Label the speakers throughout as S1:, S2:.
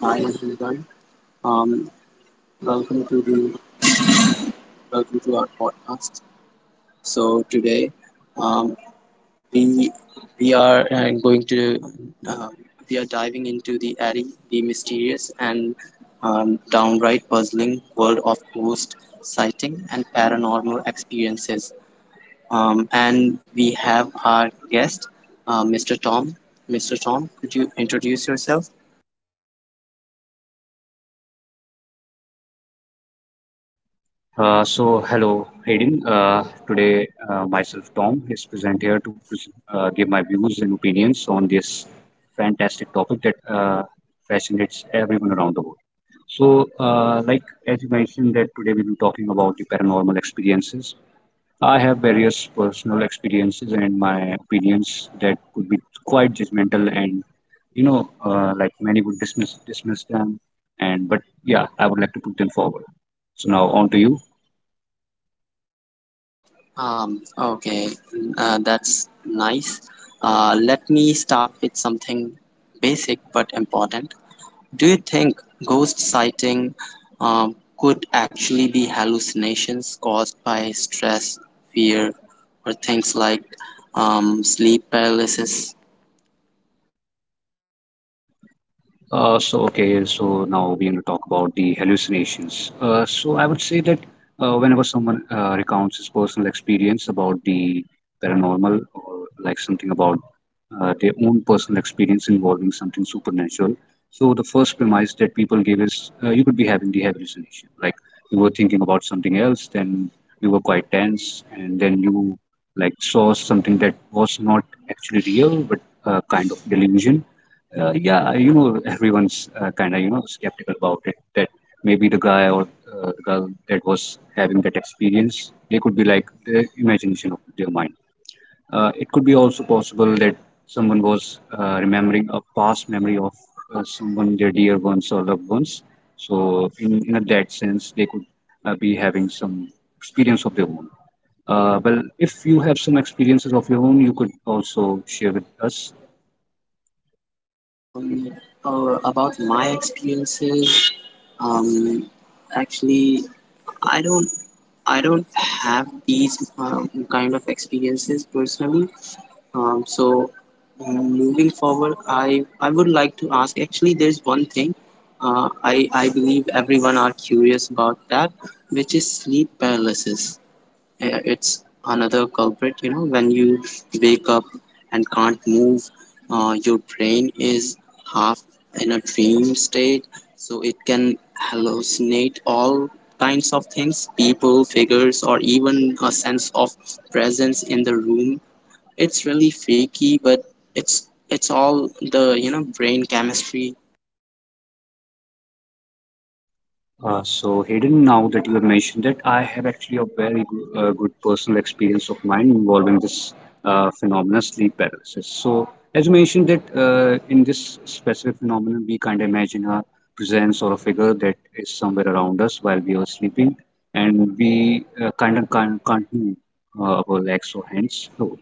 S1: Hi everyone. Um, welcome to the welcome to our podcast. So today, um, we we are going to uh, we are diving into the airy, the mysterious, and downright puzzling world of ghost sighting and paranormal experiences. And we have our guest, Mr. Tom. Mr. Tom, could you introduce yourself?
S2: Hello, Hayden. Today, myself, Tom, is present here to give my views and opinions on this fantastic topic that fascinates everyone around the world. So, like as you mentioned, that today we'll be talking about the paranormal experiences. I have various personal experiences and my opinions that could be quite judgmental, and like many would dismiss them. And but yeah, I would like to put them forward. So now on to you.
S1: Okay, that's nice. Let me start with something basic but important. Do you think ghost sighting could actually be hallucinations caused by stress, fear, or things like sleep paralysis?
S2: Okay, so now we're going to talk about the hallucinations. So I would say that whenever someone recounts his personal experience about the paranormal or like something about their own personal experience involving something supernatural, so the first premise that people give is you could be having the hallucination, like you were thinking about something else, then you were quite tense, and then you like saw something that was not actually real but kind of delusion. Yeah, you know, everyone's kind of skeptical about it. That maybe the guy or the girl that was having that experience, they could be like the imagination of their mind. It could be also possible that someone was remembering a past memory of someone, their dear ones or loved ones. So, in a that sense, they could be having some experience of their own. Well, if you have some experiences of your own, you could also share with us.
S1: Um, or about my experiences, um, actually, I don't I don't have these kind of experiences personally. Um, so moving forward, I would like to ask. Actually, there's one thing. I believe everyone are curious about that, which is sleep paralysis. It's another culprit. You know, when you wake up and can't move, your brain is half in a dream state, so it can hallucinate all kinds of things, people, figures, or even a sense of presence in the room. It's really fakey, but it's all the brain chemistry.
S2: So Hayden, now that you have mentioned it, I have actually a very good personal experience of mine involving this phenomenon, sleep paralysis. So as you mentioned that in this specific phenomenon, we kind of imagine a presence or a figure that is somewhere around us while we are sleeping, and we kind of can't move our legs or hands. So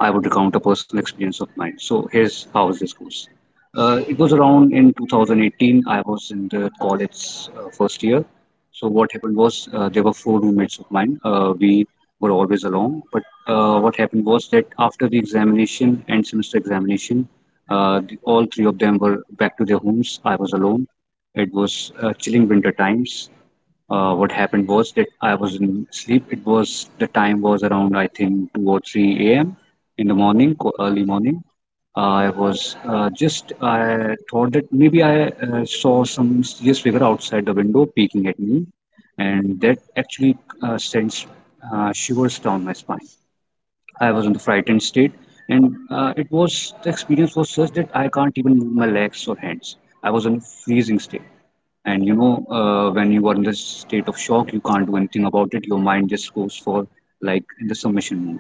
S2: I would recount a personal experience of mine. So here's how this goes. It was around in 2018. I was in the college first year. So what happened was there were four roommates of mine. We were always alone. But what happened was that after the examination end semester examination, all three of them were back to their homes. I was alone. It was chilling winter times. What happened was that I was in sleep. It was the time was around I think 2 or 3 a.m. in the morning, early morning. I was just I thought that maybe I saw some serious figure outside the window peeking at me, and that actually sends shivers down my spine. I was in the frightened state, and it was the experience was such that I can't even move my legs or hands. I was in a freezing state. And when you are in the state of shock, you can't do anything about it. Your mind just goes for like in the submission mode.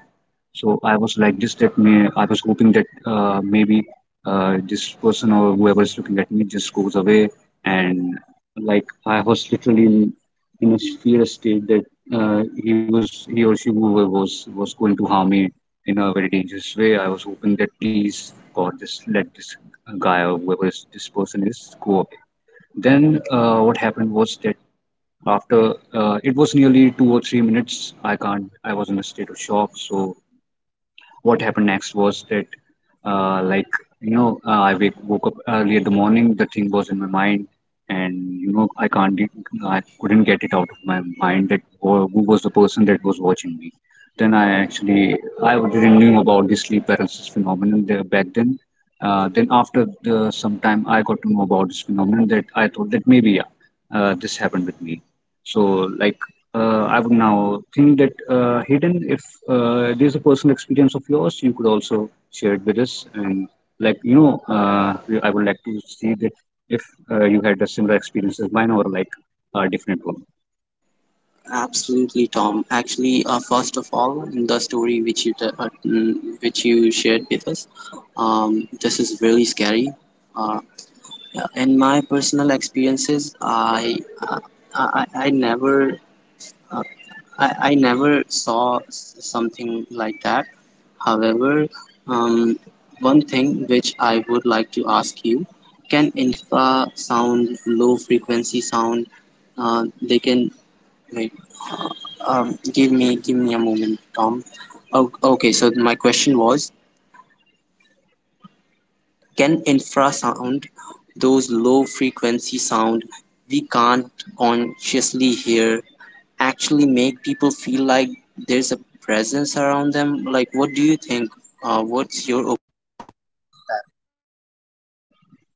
S2: So I was like this. That may I was hoping that maybe this person or whoever is looking at me just goes away. And like I was literally in a fear state that he or she whoever was going to harm me in a very dangerous way. I was hoping that please God, just let this guy or whoever is, this person is go. Then what happened was that after it was nearly 2 or 3 minutes, I can't. I was in a state of shock, so what happened next was that like woke up early in the morning. The thing was in my mind, and I couldn't get it out of my mind that who was the person that was watching me. Then I didn't knew about the sleep paralysis phenomenon there back then. Then after some time I got to know about this phenomenon that I thought that maybe yeah, this happened with me. So like I would now think that Hayden, if there's a personal experience of yours, you could also share it with us. And like I would like to see that if you had a similar experience as mine or like a different one.
S1: Absolutely, Tom. Actually, first of all, the story which which you shared with us, this is really scary. Uh, in my personal experiences, uh, I never uh, I never saw something like that. However, um, one thing which I would like to ask you, can infrasound, low frequency sound, they can wait. Give me a moment, Tom. Oh, okay. So my question was, can infrasound, those low frequency sound we can't consciously hear, actually make people feel like there's a presence around them? Like, what do you think? Uh, what's your op-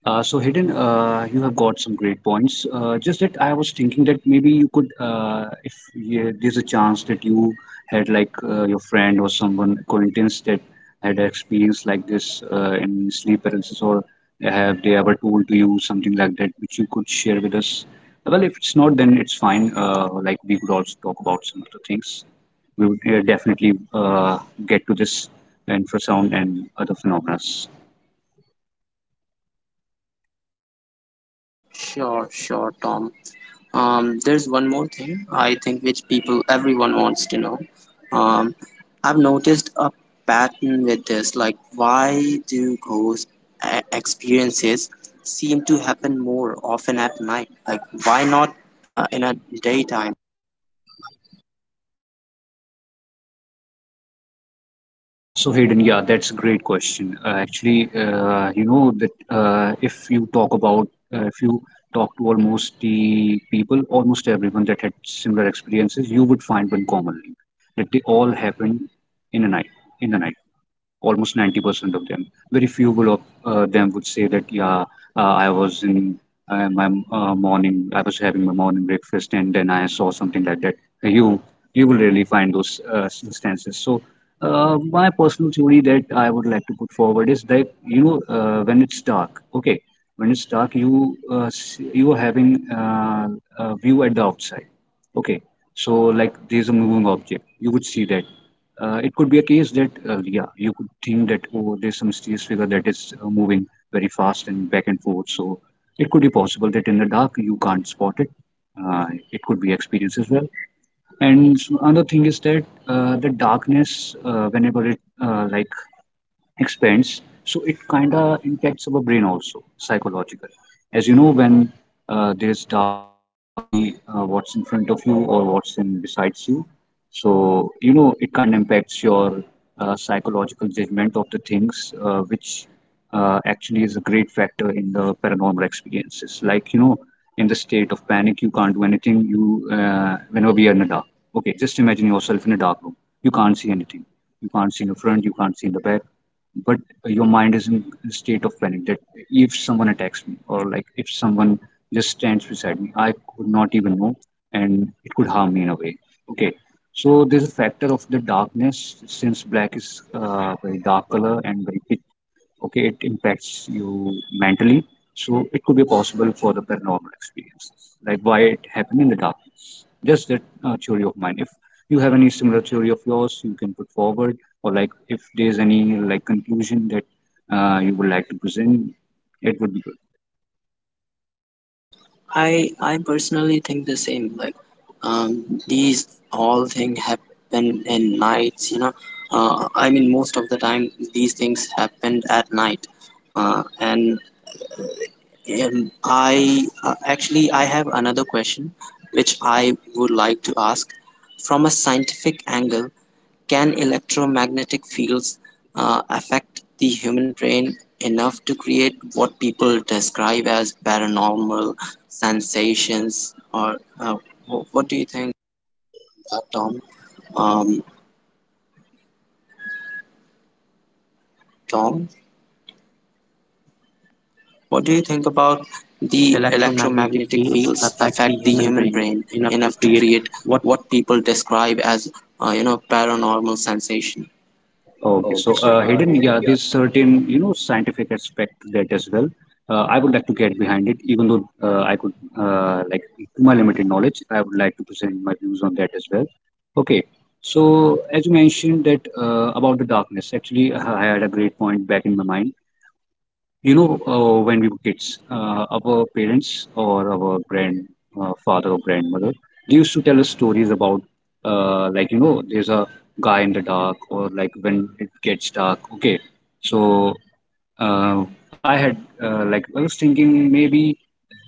S2: So Hidden, you have got some great points. Just that I was thinking that maybe you could, if yeah, there's a chance that you had like your friend or someone acquaintance that had experience like this in sleep paralysis, or have they ever told to you something like that, which you could share with us? Well, if it's not, then it's fine. Like we could also talk about some other things. We would definitely get to this infrasound and other phenomena.
S1: Sure, sure, Tom. There's one more thing I think which people everyone wants to know. Um, I've noticed a pattern with this. Like, why do ghost experiences seem to happen more often at night? Like, why not in a daytime?
S2: So Hayden, yeah, that's a great question. Actually, you know that if you talk to almost the people, almost everyone that had similar experiences, you would find one common link that they all happened in a night, in the night almost 90% of them. Very few of them would say that, yeah, I was in my morning, I was having my morning breakfast and then I saw something like that. You you will really find those instances. So my personal theory that I would like to put forward is that, when it's dark, okay, when it's dark, you are having a view at the outside. Okay, so like there's a moving object, you would see that it could be a case that yeah, you could think that, oh, there's some mysterious figure that is moving very fast and back and forth. So it could be possible that in the dark you can't spot it. uh, it could be experienced as well. And another thing is that the darkness, whenever it like expands, so it kind of impacts our brain also psychological. As you know, when there's darkness, you can't see what's in front of you or what's in besides you. So it kind of impacts your psychological judgment of the things, which actually is a great factor in the paranormal experiences. Like in the state of panic, you can't do anything. You whenever we are in the dark, okay, just imagine yourself in a dark room. You can't see anything, you can't see in the front, you can't see in the back. But your mind is in a state of panic that if someone attacks me, or like if someone just stands beside me, I could not even know, and it could harm me in a way. Okay, so there's a factor of the darkness. Since black is very dark color and very pitch, okay, it impacts you mentally. So it could be possible for the paranormal experience, like why it happened in the dark. Just that theory of mine. If you have any similar theory of yours, you can put forward, or like if there's any like conclusion that you would like to present, it would be good.
S1: I personally think the same. Like, these all things happen in nights. You know, I mean, most of the time these things happened at night, and I actually I have another question which I would like to ask. From a scientific angle, can electromagnetic fields affect the human brain enough to create what people describe as paranormal sensations? What do you think, Tom? Um, Tom? What do you think about
S2: The
S1: the
S2: electromagnetic
S1: electromagnetic
S2: fields
S1: fields
S2: affect the
S1: affect the
S2: human
S1: human
S2: brain
S1: brain
S2: enough to
S1: enough to
S2: create
S1: create
S2: what.
S1: what people describe as, paranormal sensation?
S2: Okay,
S1: Okay,
S2: so
S1: so
S2: hidden,
S1: Aiden,
S2: yeah,
S1: yeah.
S2: there's certain, scientific aspect to that as well. I would like to get behind it, even though like, to my limited knowledge, I would like to present my views on that as well. Okay, so as you mentioned that about the darkness, actually, I had a great point back in my mind. You know, when we were kids, our parents or our grandfather or grandmother, they used to tell us stories about, like, there's a guy in the dark, or like when it gets dark. Okay. So uh, like, I was thinking maybe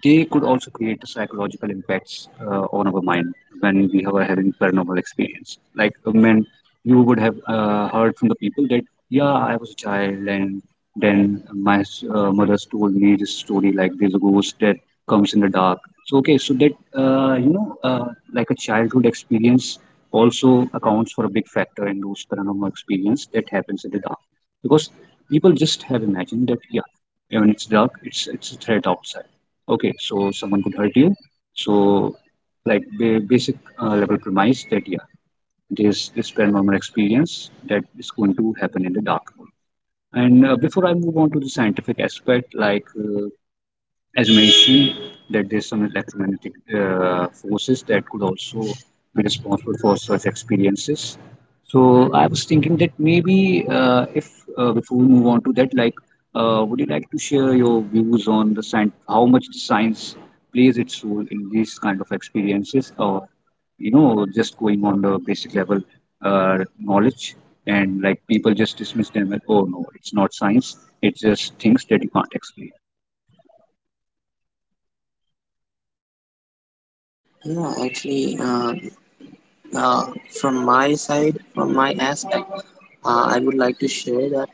S2: they could also create psychological impacts on our mind when we were having paranormal experience. Like, when you would have heard from the people that, yeah, I was a child and then my mother's told me this story like this ghost that comes in the dark. So okay, so that like a childhood experience also accounts for a big factor in those paranormal experience that happens in the dark, because people just have imagined that yeah, when it's dark, it's a threat outside. Okay, so someone could hurt you. So like basic level premise that yeah, there's this paranormal experience that is going to happen in the dark. And Before I move on to the scientific aspect, as mentioned, that there's some electromagnetic forces that could also be responsible for such experiences. So I was thinking that maybe if before we move on to that, would you like to share your views on the science, how much the science plays its role in these kind of experiences, or you know, just going on the basic level knowledge, and like people just dismiss them as, oh no, it's not science, it's just things that you can't explain.
S1: Yeah, actually, Uh, from my side, from my aspect, I would like to share that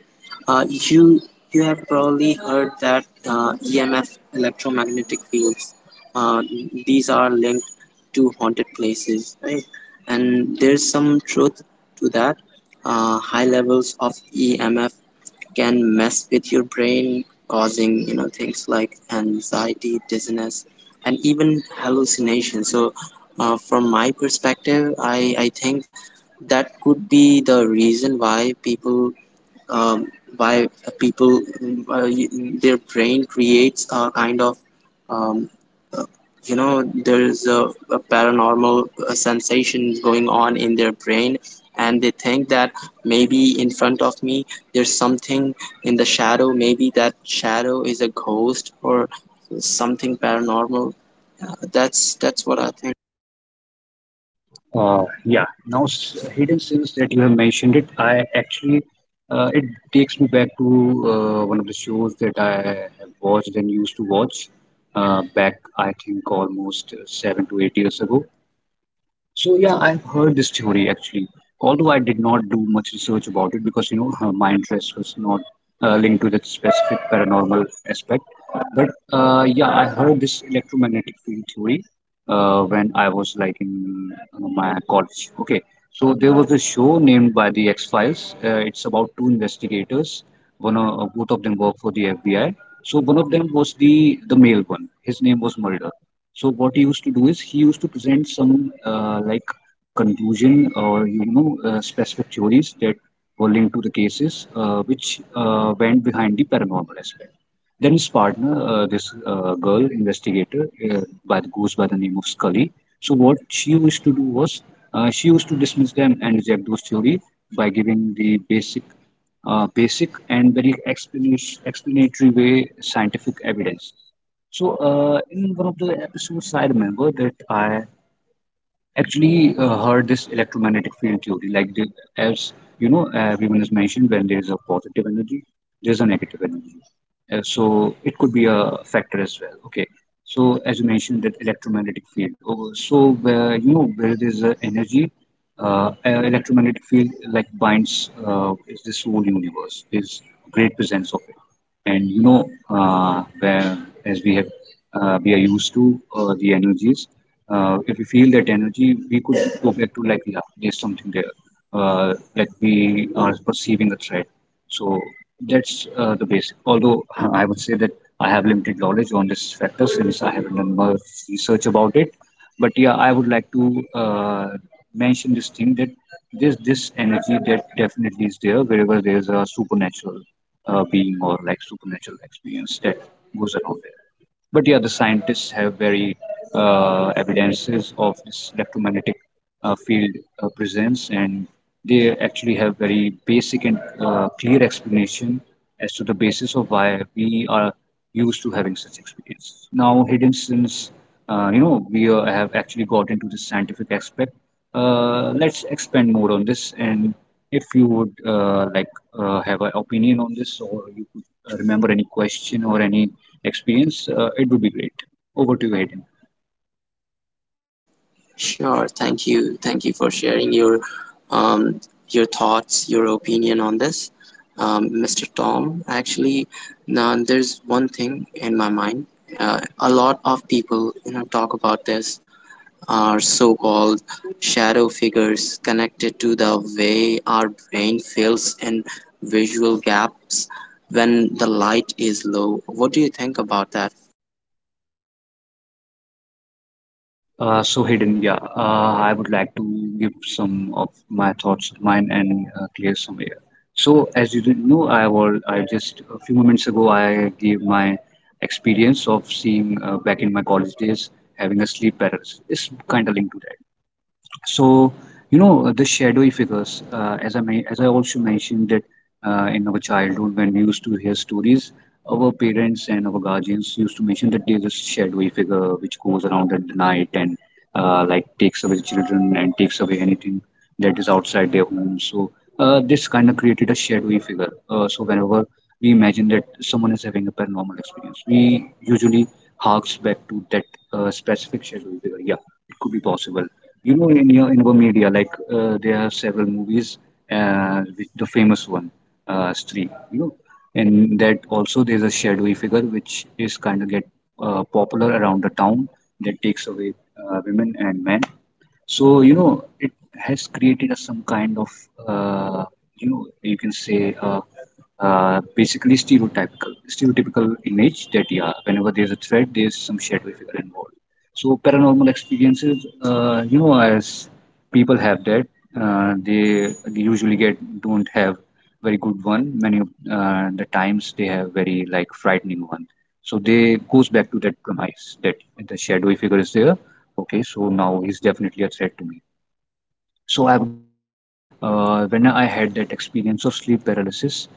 S1: uh, you you have probably heard that EMF electromagnetic fields uh, these are linked to haunted places, right? And there's some truth to that. High levels of EMF can mess with your brain, causing things like anxiety, dizziness, and even hallucination. So, from my perspective, I think that could be the reason why um, why people uh, their brain creates a kind of um, uh, there's a paranormal sensation going on in their brain, and they think that maybe in front of me there's something in the shadow. Maybe that shadow is a ghost or something paranormal. That's what I think.
S2: Yeah, now s- hidden since that you have mentioned it, I actually it takes me back to one of the shows that I have watched and used to watch back, I think, almost 7 to 8 years ago. So yeah, I've heard this theory actually. Although I did not do much research about it because you know my interest was not linked to that specific paranormal aspect. But Yeah, I heard this electromagnetic field theory when I was like in my college. Okay, so there was a show named by the X Files. It's about two investigators. One of Both of them work for the FBI. So one of them was the male one. His name was Mulder. So what he used to do is he used to present some like conclusion or you know specific theories that were linked to the cases which went behind the paranormal aspect. Then his partner, this girl investigator, goes by the name of Scully. So what she used to do was she used to dismiss them and reject those theories by giving the basic basic and very explanatory way scientific evidence. So, in one of the episodes, I remember that I actually heard this electromagnetic field theory like the, as you know everyone has mentioned when there is a positive energy, there's a negative energy. So it could be a factor as well. Okay, so as you mentioned that electromagnetic field, oh, so where you know where there's a energy, uh, electromagnetic field like binds, is this whole universe is great presence of it, and you know where as we have we are used to the energies. If we feel that energy, we could go back to like, yeah, there's something there, like we are perceiving a threat. So that's the basic. Although I would say that I have limited knowledge on this factor since I haven't done much research about it. But yeah, I would like to mention this thing that there's this energy that definitely is there wherever there's a supernatural being or like supernatural experience that goes around there. But yeah, the scientists have very evidences of this electromagnetic field presence, and they actually have very basic and clear explanation as to the basis of why we are used to having such experiences. Now, hidden since you know we have actually got into this scientific aspect, let's expand more on this, and if you would like have an opinion on this, or you could remember any question or any experience, it would be great. Over to you, Hayden.
S1: Sure. Thank you. Thank you for sharing um, your thoughts, your opinion on this, Mr. Tom. Actually, now there's one thing in my mind. A lot of people, you know, talk about this. Are so-called shadow figures connected to the way our brain feels and visual gaps when the light is low? What do you think about that?
S2: So Hayden, yeah, I would like to give some of my thoughts of mine and clear some air. So as you didn't know, I just a few moments ago I gave my experience of seeing back in my college days having a sleep paralysis. It's kind of linked to that. So, you know, the shadowy figures, as I also mentioned that in our childhood, when we used to hear stories, our parents and our guardians used to mention that there's a shadowy figure which goes around at the night and like takes away children and takes away anything that is outside their home. So, this kind of created a shadowy figure. So, whenever we imagine that someone is having a paranormal experience, we usually harks back to that specific shadowy figure. Yeah, it could be possible, you know, in your in our media, like there are several movies, which the famous one, Stree. You know, and that also there's a shadowy figure which is kind of get popular around the town that takes away women and men. So, you know, it has created a, some kind of, uh, you know, you can say, basically stereotypical image that, yeah, whenever there's a threat, there's some shadowy figure involved. So, paranormal experiences, you know, as people have that, they usually get don't have very good one. Many of the times they have very like frightening one. So they goes back to that premise that the shadowy figure is there. Okay, so now he's definitely a threat to me. So I would say that when I had that experience of sleep paralysis,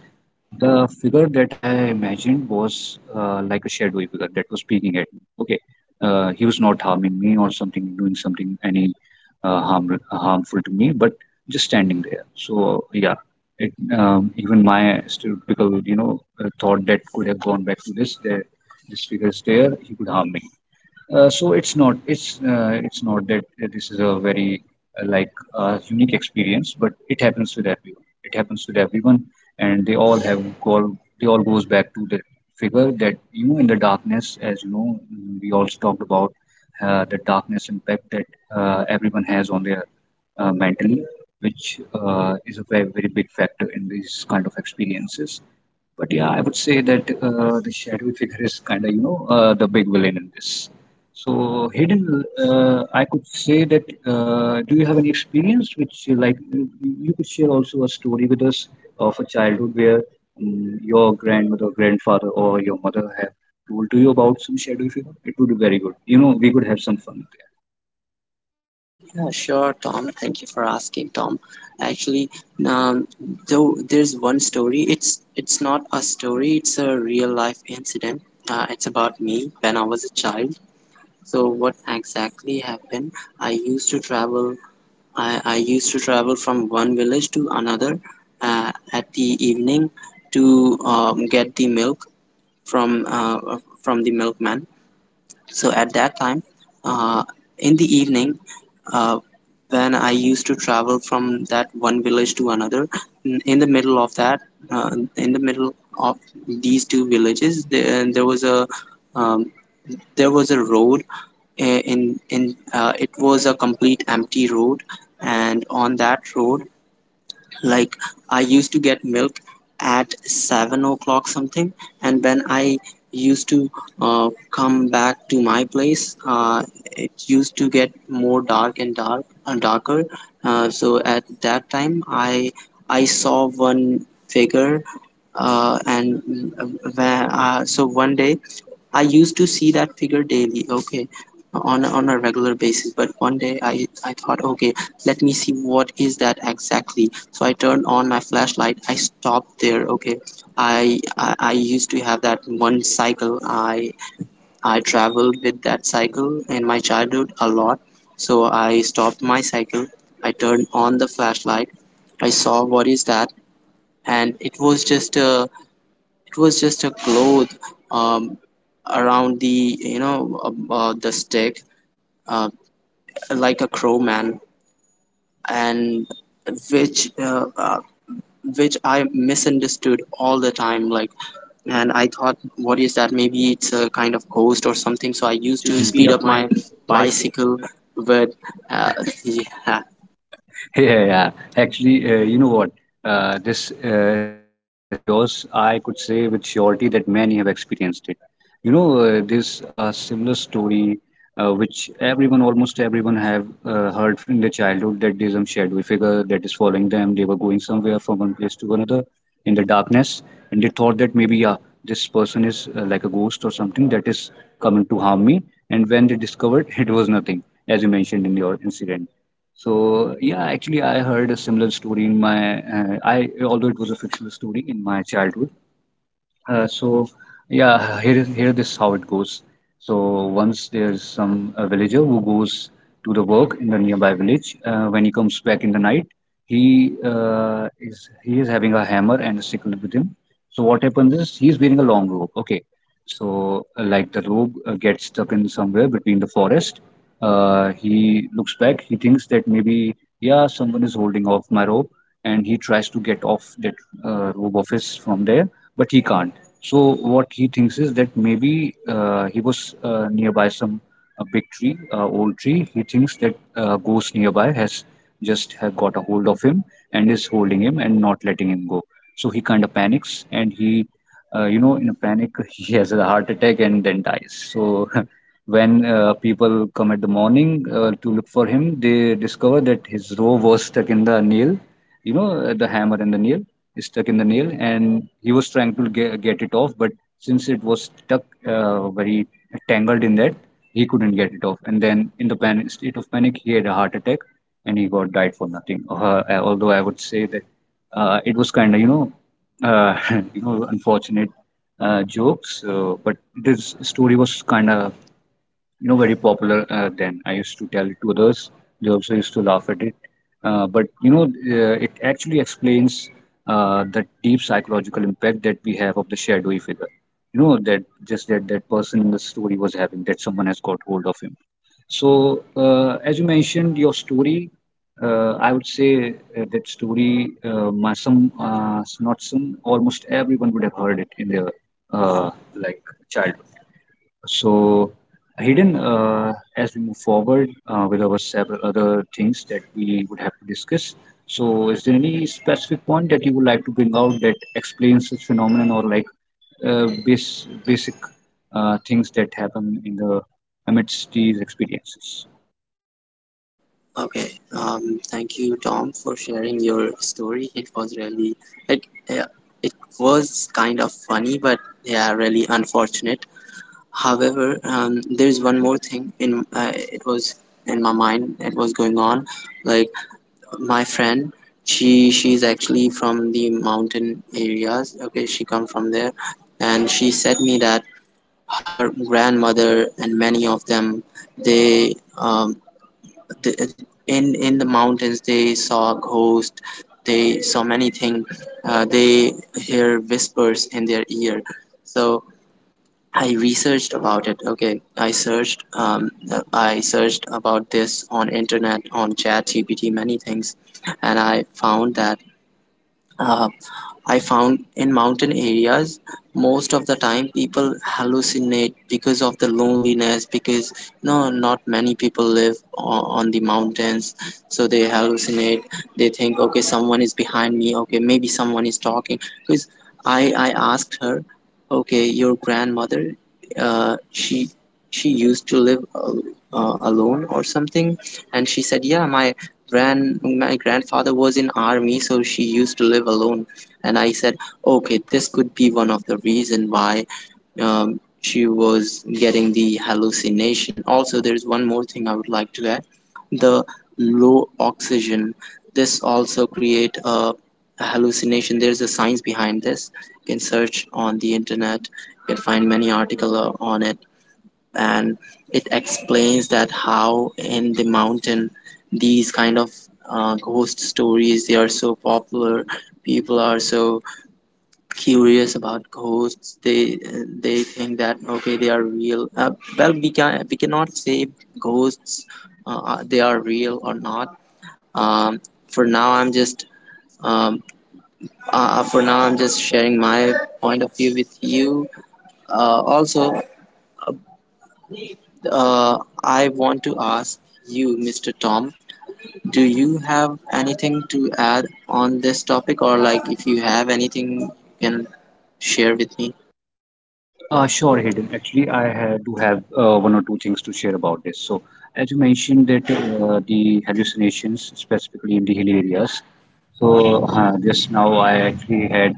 S2: the figure that I imagined was like a shadowy figure that was peeking at me. Okay, he was not harming me or something, doing something any harmful to me, but just standing there. So yeah, it even my stereotypical you know thought that could have gone back to this. There, this figure is there. He could harm me. So it's not that this is a very uh, like unique experience, but it happens with everyone. It happens with everyone, and they all goes back to the figure that you know in the darkness, as you know, we also talked about the darkness impact that everyone has on their mentally, which is a very very big factor in these kind of experiences. But yeah, I would say that the shadowy figure is kind of you know the big villain in this. So hidden, I could say that. Do you have any experience which, you could share also a story with us of a childhood where your grandmother, grandfather, or your mother have told to you about some shadowy figure? It would be very good. You know, we could have some fun
S1: Yeah, sure, Tom. Thank you for asking, Tom. Actually, um, though there's one story. It's not a story. It's a real life incident. It's about me when I was a child. So what exactly happened? I used to travel. I used to travel from one village to another at the evening to get the milk from uh, from the milkman. So at that time, uh, in the evening uh, when I used to travel from that one village to another, in the middle of that, uh, in the middle of these two villages, there was a um, road. Uh, In in it was a complete empty road, and on that road, like I used to get milk at 7 o'clock something, and when I used to uh, come back to my place it used to get more dark and dark and darker. So at that time I saw one figure uh, and uh, so one day I used to see that figure daily, okay, on a regular basis. But one day I thought, okay, let me see what is that exactly. So I turned on my flashlight. I stopped there, okay. I I used to have that one cycle. I I traveled with that cycle in my childhood a lot. So I stopped my cycle. I turned on the flashlight. I saw what is that, and it was just a cloth um, around the the stick, uh, like a crow man, and which uh, uh, which I misunderstood all the time. Like, and I thought, what is that? Maybe it's a kind of ghost or something. So
S2: there. I
S1: I
S2: used
S1: used
S2: to
S1: to
S2: speed
S1: speed
S2: up
S1: up
S2: my
S1: my
S2: bicycle.
S1: bicycle. But uh, yeah.
S2: Yeah, yeah. Actually, you know what? This incident of yours, I could say with surety that many have experienced it. You know, this similar story, which everyone, almost everyone, have heard from their childhood that there's some shadowy figure that is following them. They were going somewhere from one place to another in the darkness, and they thought that maybe, yeah, this person is like a ghost or something that is coming to harm me. And when they discovered, it was nothing, as you mentioned in your incident. So yeah, actually, I heard a similar story in my. I although it was a fictional story in my childhood, so yeah, here this how it goes. So once there's some a villager who goes to the work in the nearby village. When he comes back in the night, he is having a hammer and a sickle with him. So what happens is he's wearing a long robe. Okay, so like the robe gets stuck in somewhere between the forest. He looks back. He thinks that maybe yeah, someone is holding off my robe, and he tries to get off that robe of his from there, but he can't. So what he thinks is that maybe he was nearby some a big tree, old tree. He thinks that ghost nearby has just have got a hold of him and is holding him and not letting him go. So he kind of panics and he, you know, in a panic he has a heart attack and then dies. So when people come at the morning to look for him, they discover that his rope was stuck in the nail, you know, the hammer and the nail stuck in the nail, and he was trying to get it off, but since it was stuck very tangled in that, he couldn't get it off. And then, in the state of panic, he had a heart attack, and he got died for nothing. Although I would say that it was kind of, uh, unfortunate jokes, but this story was kind of, you know, very popular. Then I used to tell it to others. They also used to laugh at it. But it actually explains the deep psychological impact that we have of the shadowy figure, you know, that just that person in the story was having, that someone has got hold of him. So as you mentioned your story, I would say that story, my some uh, not some almost everyone would have heard it in their, uh, like childhood. So, Hayden, as we move forward with our several other things that we would have to discuss, so is there any specific point that you would like to bring out that explains this phenomenon, or like basic things that happen in the amidst these experiences?
S1: Okay, thank you, Tom, for sharing your story. It was really, yeah, it was kind of funny, but yeah, really unfortunate. However, there's one more thing in, it was in my mind. It was going on, like, my friend, she's actually from the mountain areas. Okay, she come from there, and she said me that her grandmother and many of them, they in the mountains they saw ghosts, they saw many things, they hear whispers in their ear. So I researched about it, okay. I searched about this on internet, on ChatGPT, many things, and I found that uh, I found in mountain areas, most of the time people hallucinate because of the loneliness, because no, not many people live on the mountains, so they hallucinate. They think, okay, someone is behind me. Okay, maybe someone is talking. Because I asked her, okay, your grandmother, uh, she she used to live alone or something, and she said, yeah, my grand my grandfather was in army, so she used to live alone. And I said, okay, this could be one of the reason why she was getting the hallucination. Also, there is one more thing I would like to add: the low oxygen. This also create a hallucination. There's a science behind this. You can search on the internet. You can find many articles on it, and it explains that how in the mountain these kind of ghost stories they are so popular. People are so curious about ghosts. They think that, okay, they are real. Well, we cannot say ghosts they are real or not. um, for now i'm just um, for now I'm just sharing my point of view with you. Also uh, I want to ask you, Mr. Tom, do you have anything to add on this topic, or like, if you have anything you can share with me?
S2: Sure, Hayden. Actually, I ha do have one or two things to share about this. So, as you mentioned that the hallucinations, specifically in the hilly areas, so just now I actually had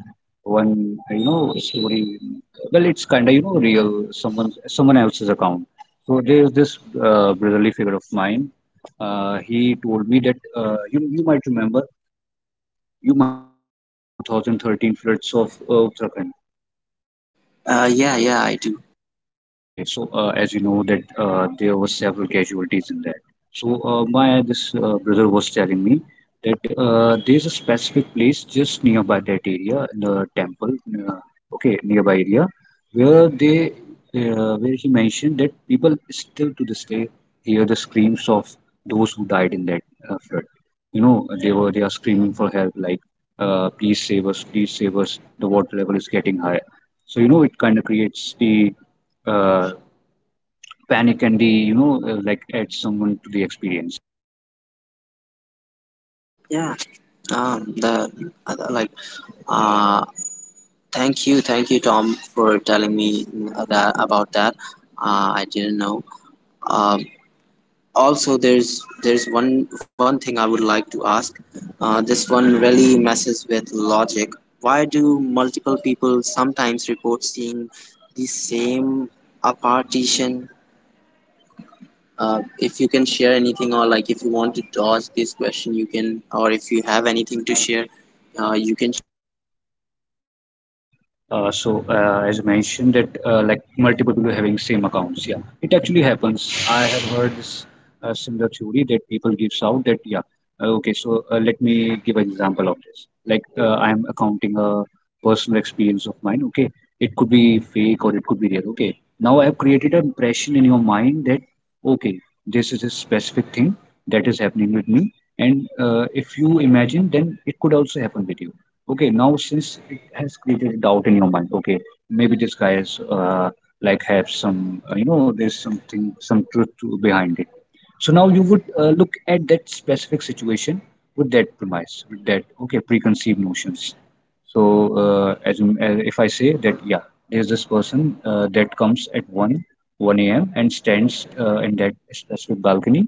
S2: one, you know, story. Well, it's kind of, you know, real, someone else's account. So there's this brotherly figure of mine. He told me that uh, you might remember, you might remember the 2013 floods of Uttarakhand.
S1: yeah, yeah, I do.
S2: Okay, so as you know that there were several casualties in that. So my this brother was telling me that there's a specific place just nearby that area, the temple, uh, okay, nearby area, where they where he mentioned that people still to this day hear the screams of those who died in that flood. You know, they are screaming for help, like please save us, please save us. The water level is getting high. So you know, it kind of creates the uh, panic and the, you know, like, add someone to the experience.
S1: Yeah. The like uh thank you, thank you, Tom, for telling me that, about that. I didn't know. um also, there's one thing I would like to ask. This one really messes with logic. Why do multiple people sometimes report seeing the same a partition? If you can share anything, or like, if you want to dodge this question, you can, or if you have anything to share you can.
S2: So as you mentioned that like multiple people having same accounts, yeah, it actually happens. I have heard this similar theory that people gives out that, yeah, okay. So let me give an example of this. Like I am accounting a personal experience of mine. Okay, it could be fake or it could be real. Okay, now I have created an impression in your mind that okay, this is a specific thing that is happening with me, and if you imagine, then it could also happen with you. Okay, now since it has created a doubt in your mind, okay, maybe this guy is like have some, you know, there's something, some truth to, behind it. So now you would look at that specific situation with that premise, with that, okay, preconceived notions. So if I say that, yeah, there's this person that comes at 1, 1 a.m. and stands in that specific balcony.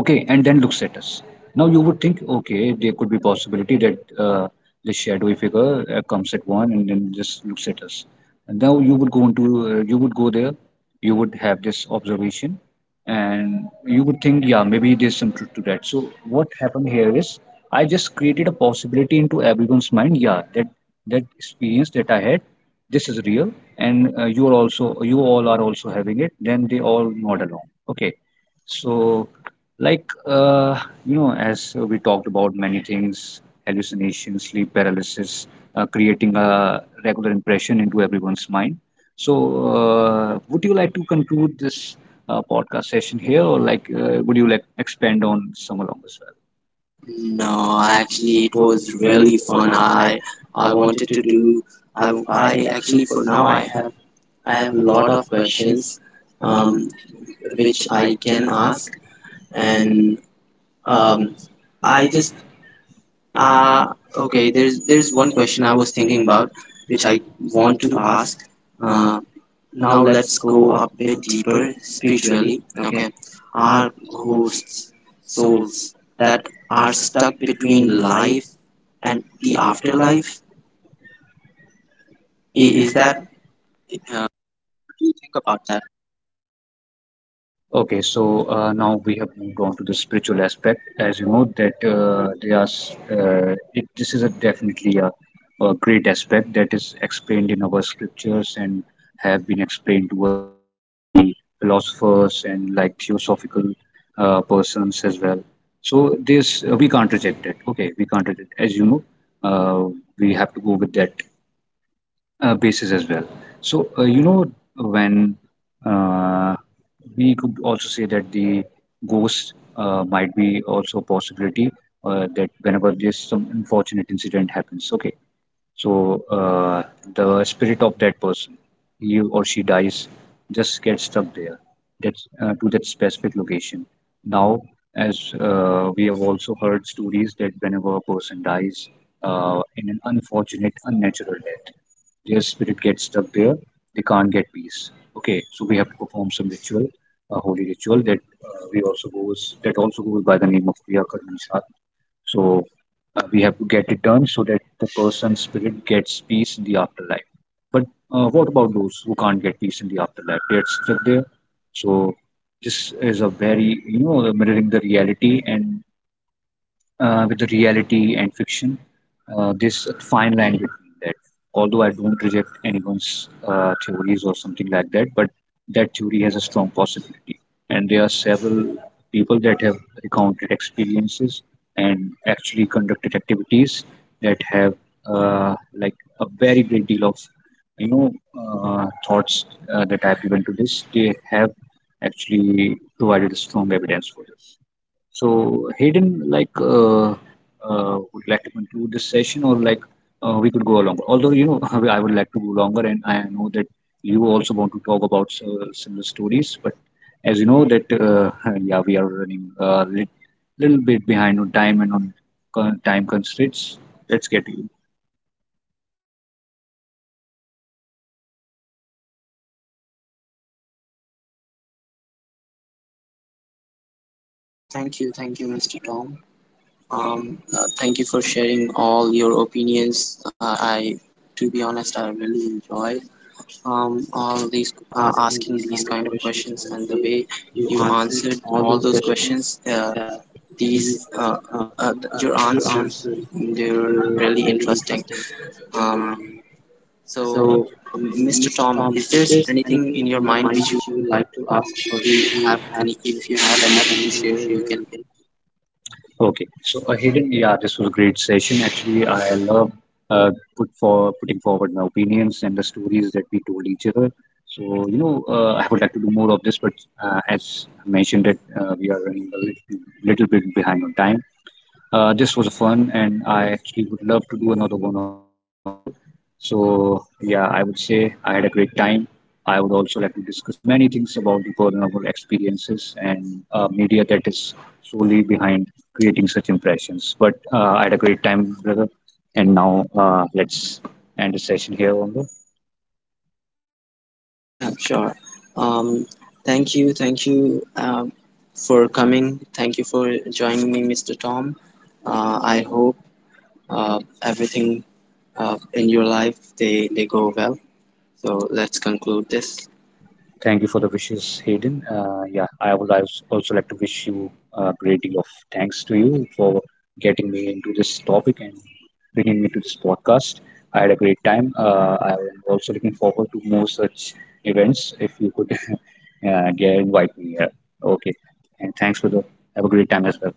S2: Okay, and then looks at us. Now you would think, okay, there could be possibility that the shadowy figure comes at one and then just looks at us. And now you would go into, you would go there, you would have this observation, and you would think, yeah, maybe there's some truth to that. So what happened here is, I just created a possibility into everyone's mind. Yeah, that that experience that I had, this is real, and you all are also having it. Then they all nod along. Okay. So, like, you know, as we talked about many things, hallucinations, sleep paralysis, creating a regular impression into everyone's mind. So, would you like to conclude this podcast session here, or like, would you like expand on some along as well?
S1: No,
S2: No,
S1: actually,
S2: actually, it
S1: it
S2: was
S1: was really
S2: really fun.
S1: fun. I
S2: I
S1: wanted
S2: wanted to
S1: to do.
S2: do.
S1: I
S2: I
S1: I
S2: I
S1: actually
S2: actually,
S1: for
S2: for now,
S1: now
S2: I have, I
S1: I have
S2: have
S1: a
S2: a
S1: lot
S2: lot
S1: of
S2: of
S1: questions,
S2: questions, um,
S1: um,
S2: which
S1: which
S2: I
S1: I
S2: can
S1: can ask,
S2: ask,
S1: and
S2: and um,
S1: um,
S2: I
S1: I
S2: just,
S1: just uh,
S2: uh, okay,
S1: okay, there's
S2: there's one
S1: one question
S2: question
S1: I
S2: I
S1: was
S2: was
S1: thinking
S2: thinking about
S1: about,
S2: which
S1: which I
S2: I want
S1: want
S2: to
S1: to
S2: ask.
S1: ask.
S2: Uh,
S1: Uh, now
S2: Now
S1: let's
S2: let's go
S1: go
S2: a
S1: a bit
S2: bit deeper
S1: deeper
S2: spiritually.
S1: spiritually.
S2: Okay.
S1: Okay,
S2: Are
S1: are
S2: ghosts
S1: ghosts souls
S2: souls that
S1: that
S2: are
S1: are stuck
S2: stuck
S1: between
S2: between life
S1: life and
S2: and
S1: the
S2: the afterlife?
S1: afterlife?
S2: I- Is
S1: Is that
S2: that...
S1: uh, what do you think about that?
S2: Okay, so now we have moved on to the spiritual aspect. As you know, that there are, s- it, this is a definitely a great aspect that is explained in our scriptures and have been explained to us by the philosophers and like theosophical persons as well. So this we can't reject it. Okay, we can't reject it. As you know, we have to go with that basis as well. So, you know, when uh, we could also say that the ghost might be also a possibility, that whenever there's some unfortunate incident happens, okay, so the spirit of that person, he or she dies, just gets stuck there, that's to that specific location. Now, as we have also heard stories that whenever a person dies in an unfortunate, unnatural death, their spirit gets stuck there. They can't get peace. Okay, so we have to perform some ritual, a holy ritual that we also goes that also goes by the name of kriya karma Nisar. So we have to get it done so that the person's spirit gets peace in the afterlife. But what about those who can't get peace in the afterlife? They're stuck there. So this is a very, you know, mirroring the reality and with the reality and fiction. This fine line between that. Although I don't reject anyone's theories or something like that, but that theory has a strong possibility. And there are several people that have recounted experiences and actually conducted activities that have like a very great deal of, you know, thoughts that I've given to this. They have actually provided strong evidence for this. So Hayden, would you like to conclude this session, or like we could go longer? Although, you know, I would like to go longer, and I know that you also want to talk about similar stories. But as you know, that yeah, we are running a little bit behind on time and on con time constraints. Let's get you.
S1: Thank you, Mr. Tom. Thank you for sharing all your opinions. I, to be honest, I really enjoyed all these,
S2: Asking
S1: asking
S2: these
S1: these
S2: kind of
S1: kind of
S2: questions,
S1: questions,
S2: and
S1: and
S2: the
S1: the
S2: way
S1: way
S2: you
S1: you
S2: answered
S1: answered
S2: all
S1: all
S2: those
S1: those questions.
S2: questions, these
S1: These
S2: uh, uh,
S1: uh,
S2: your
S1: your
S2: answers,
S1: answers,
S2: they
S1: they're
S2: were
S1: really
S2: really
S1: interesting.
S2: interesting.
S1: um,
S2: Um,
S1: so
S2: so,
S1: Mr.
S2: Mr.
S1: Tom,
S2: Tom,
S1: is
S2: is
S1: there
S2: there
S1: anything
S2: anything
S1: in
S2: in
S1: your
S2: your
S1: mind
S2: mind
S1: which
S2: which you would like to ask, or if
S1: you
S2: you
S1: have
S2: have
S1: any,
S2: any,
S1: if you
S2: if
S1: have
S2: you have
S1: anything to
S2: anything
S1: share,
S2: to
S1: you
S2: share,
S1: can.
S2: you can. Okay, so a hidden, yeah, this was a great session. Actually, I love putting forward my opinions and the stories that we told each other. So, you know, I would like to do more of this, but as I mentioned, that we are running a little bit behind on time. This was fun, and I actually would love to do another one of this as well. So, yeah, I would say I had a great time. I would also like to discuss many things about the vulnerable experiences and media that is solely behind creating such impressions. But I had a great time, brother. And now let's end the session here on the...
S1: Yeah, sure. um, thank you, for coming, thank you for joining me, Mr. Tom. I hope everything in your life, they go well. So let's conclude this.
S2: Thank you for the wishes, Hayden. Yeah, I would also like to wish you a great deal of thanks to you for getting me into this topic and bringing me to this podcast. I had a great time. I am also looking forward to more such events if you could get invite me here. Okay, and thanks for the... have a great time as well.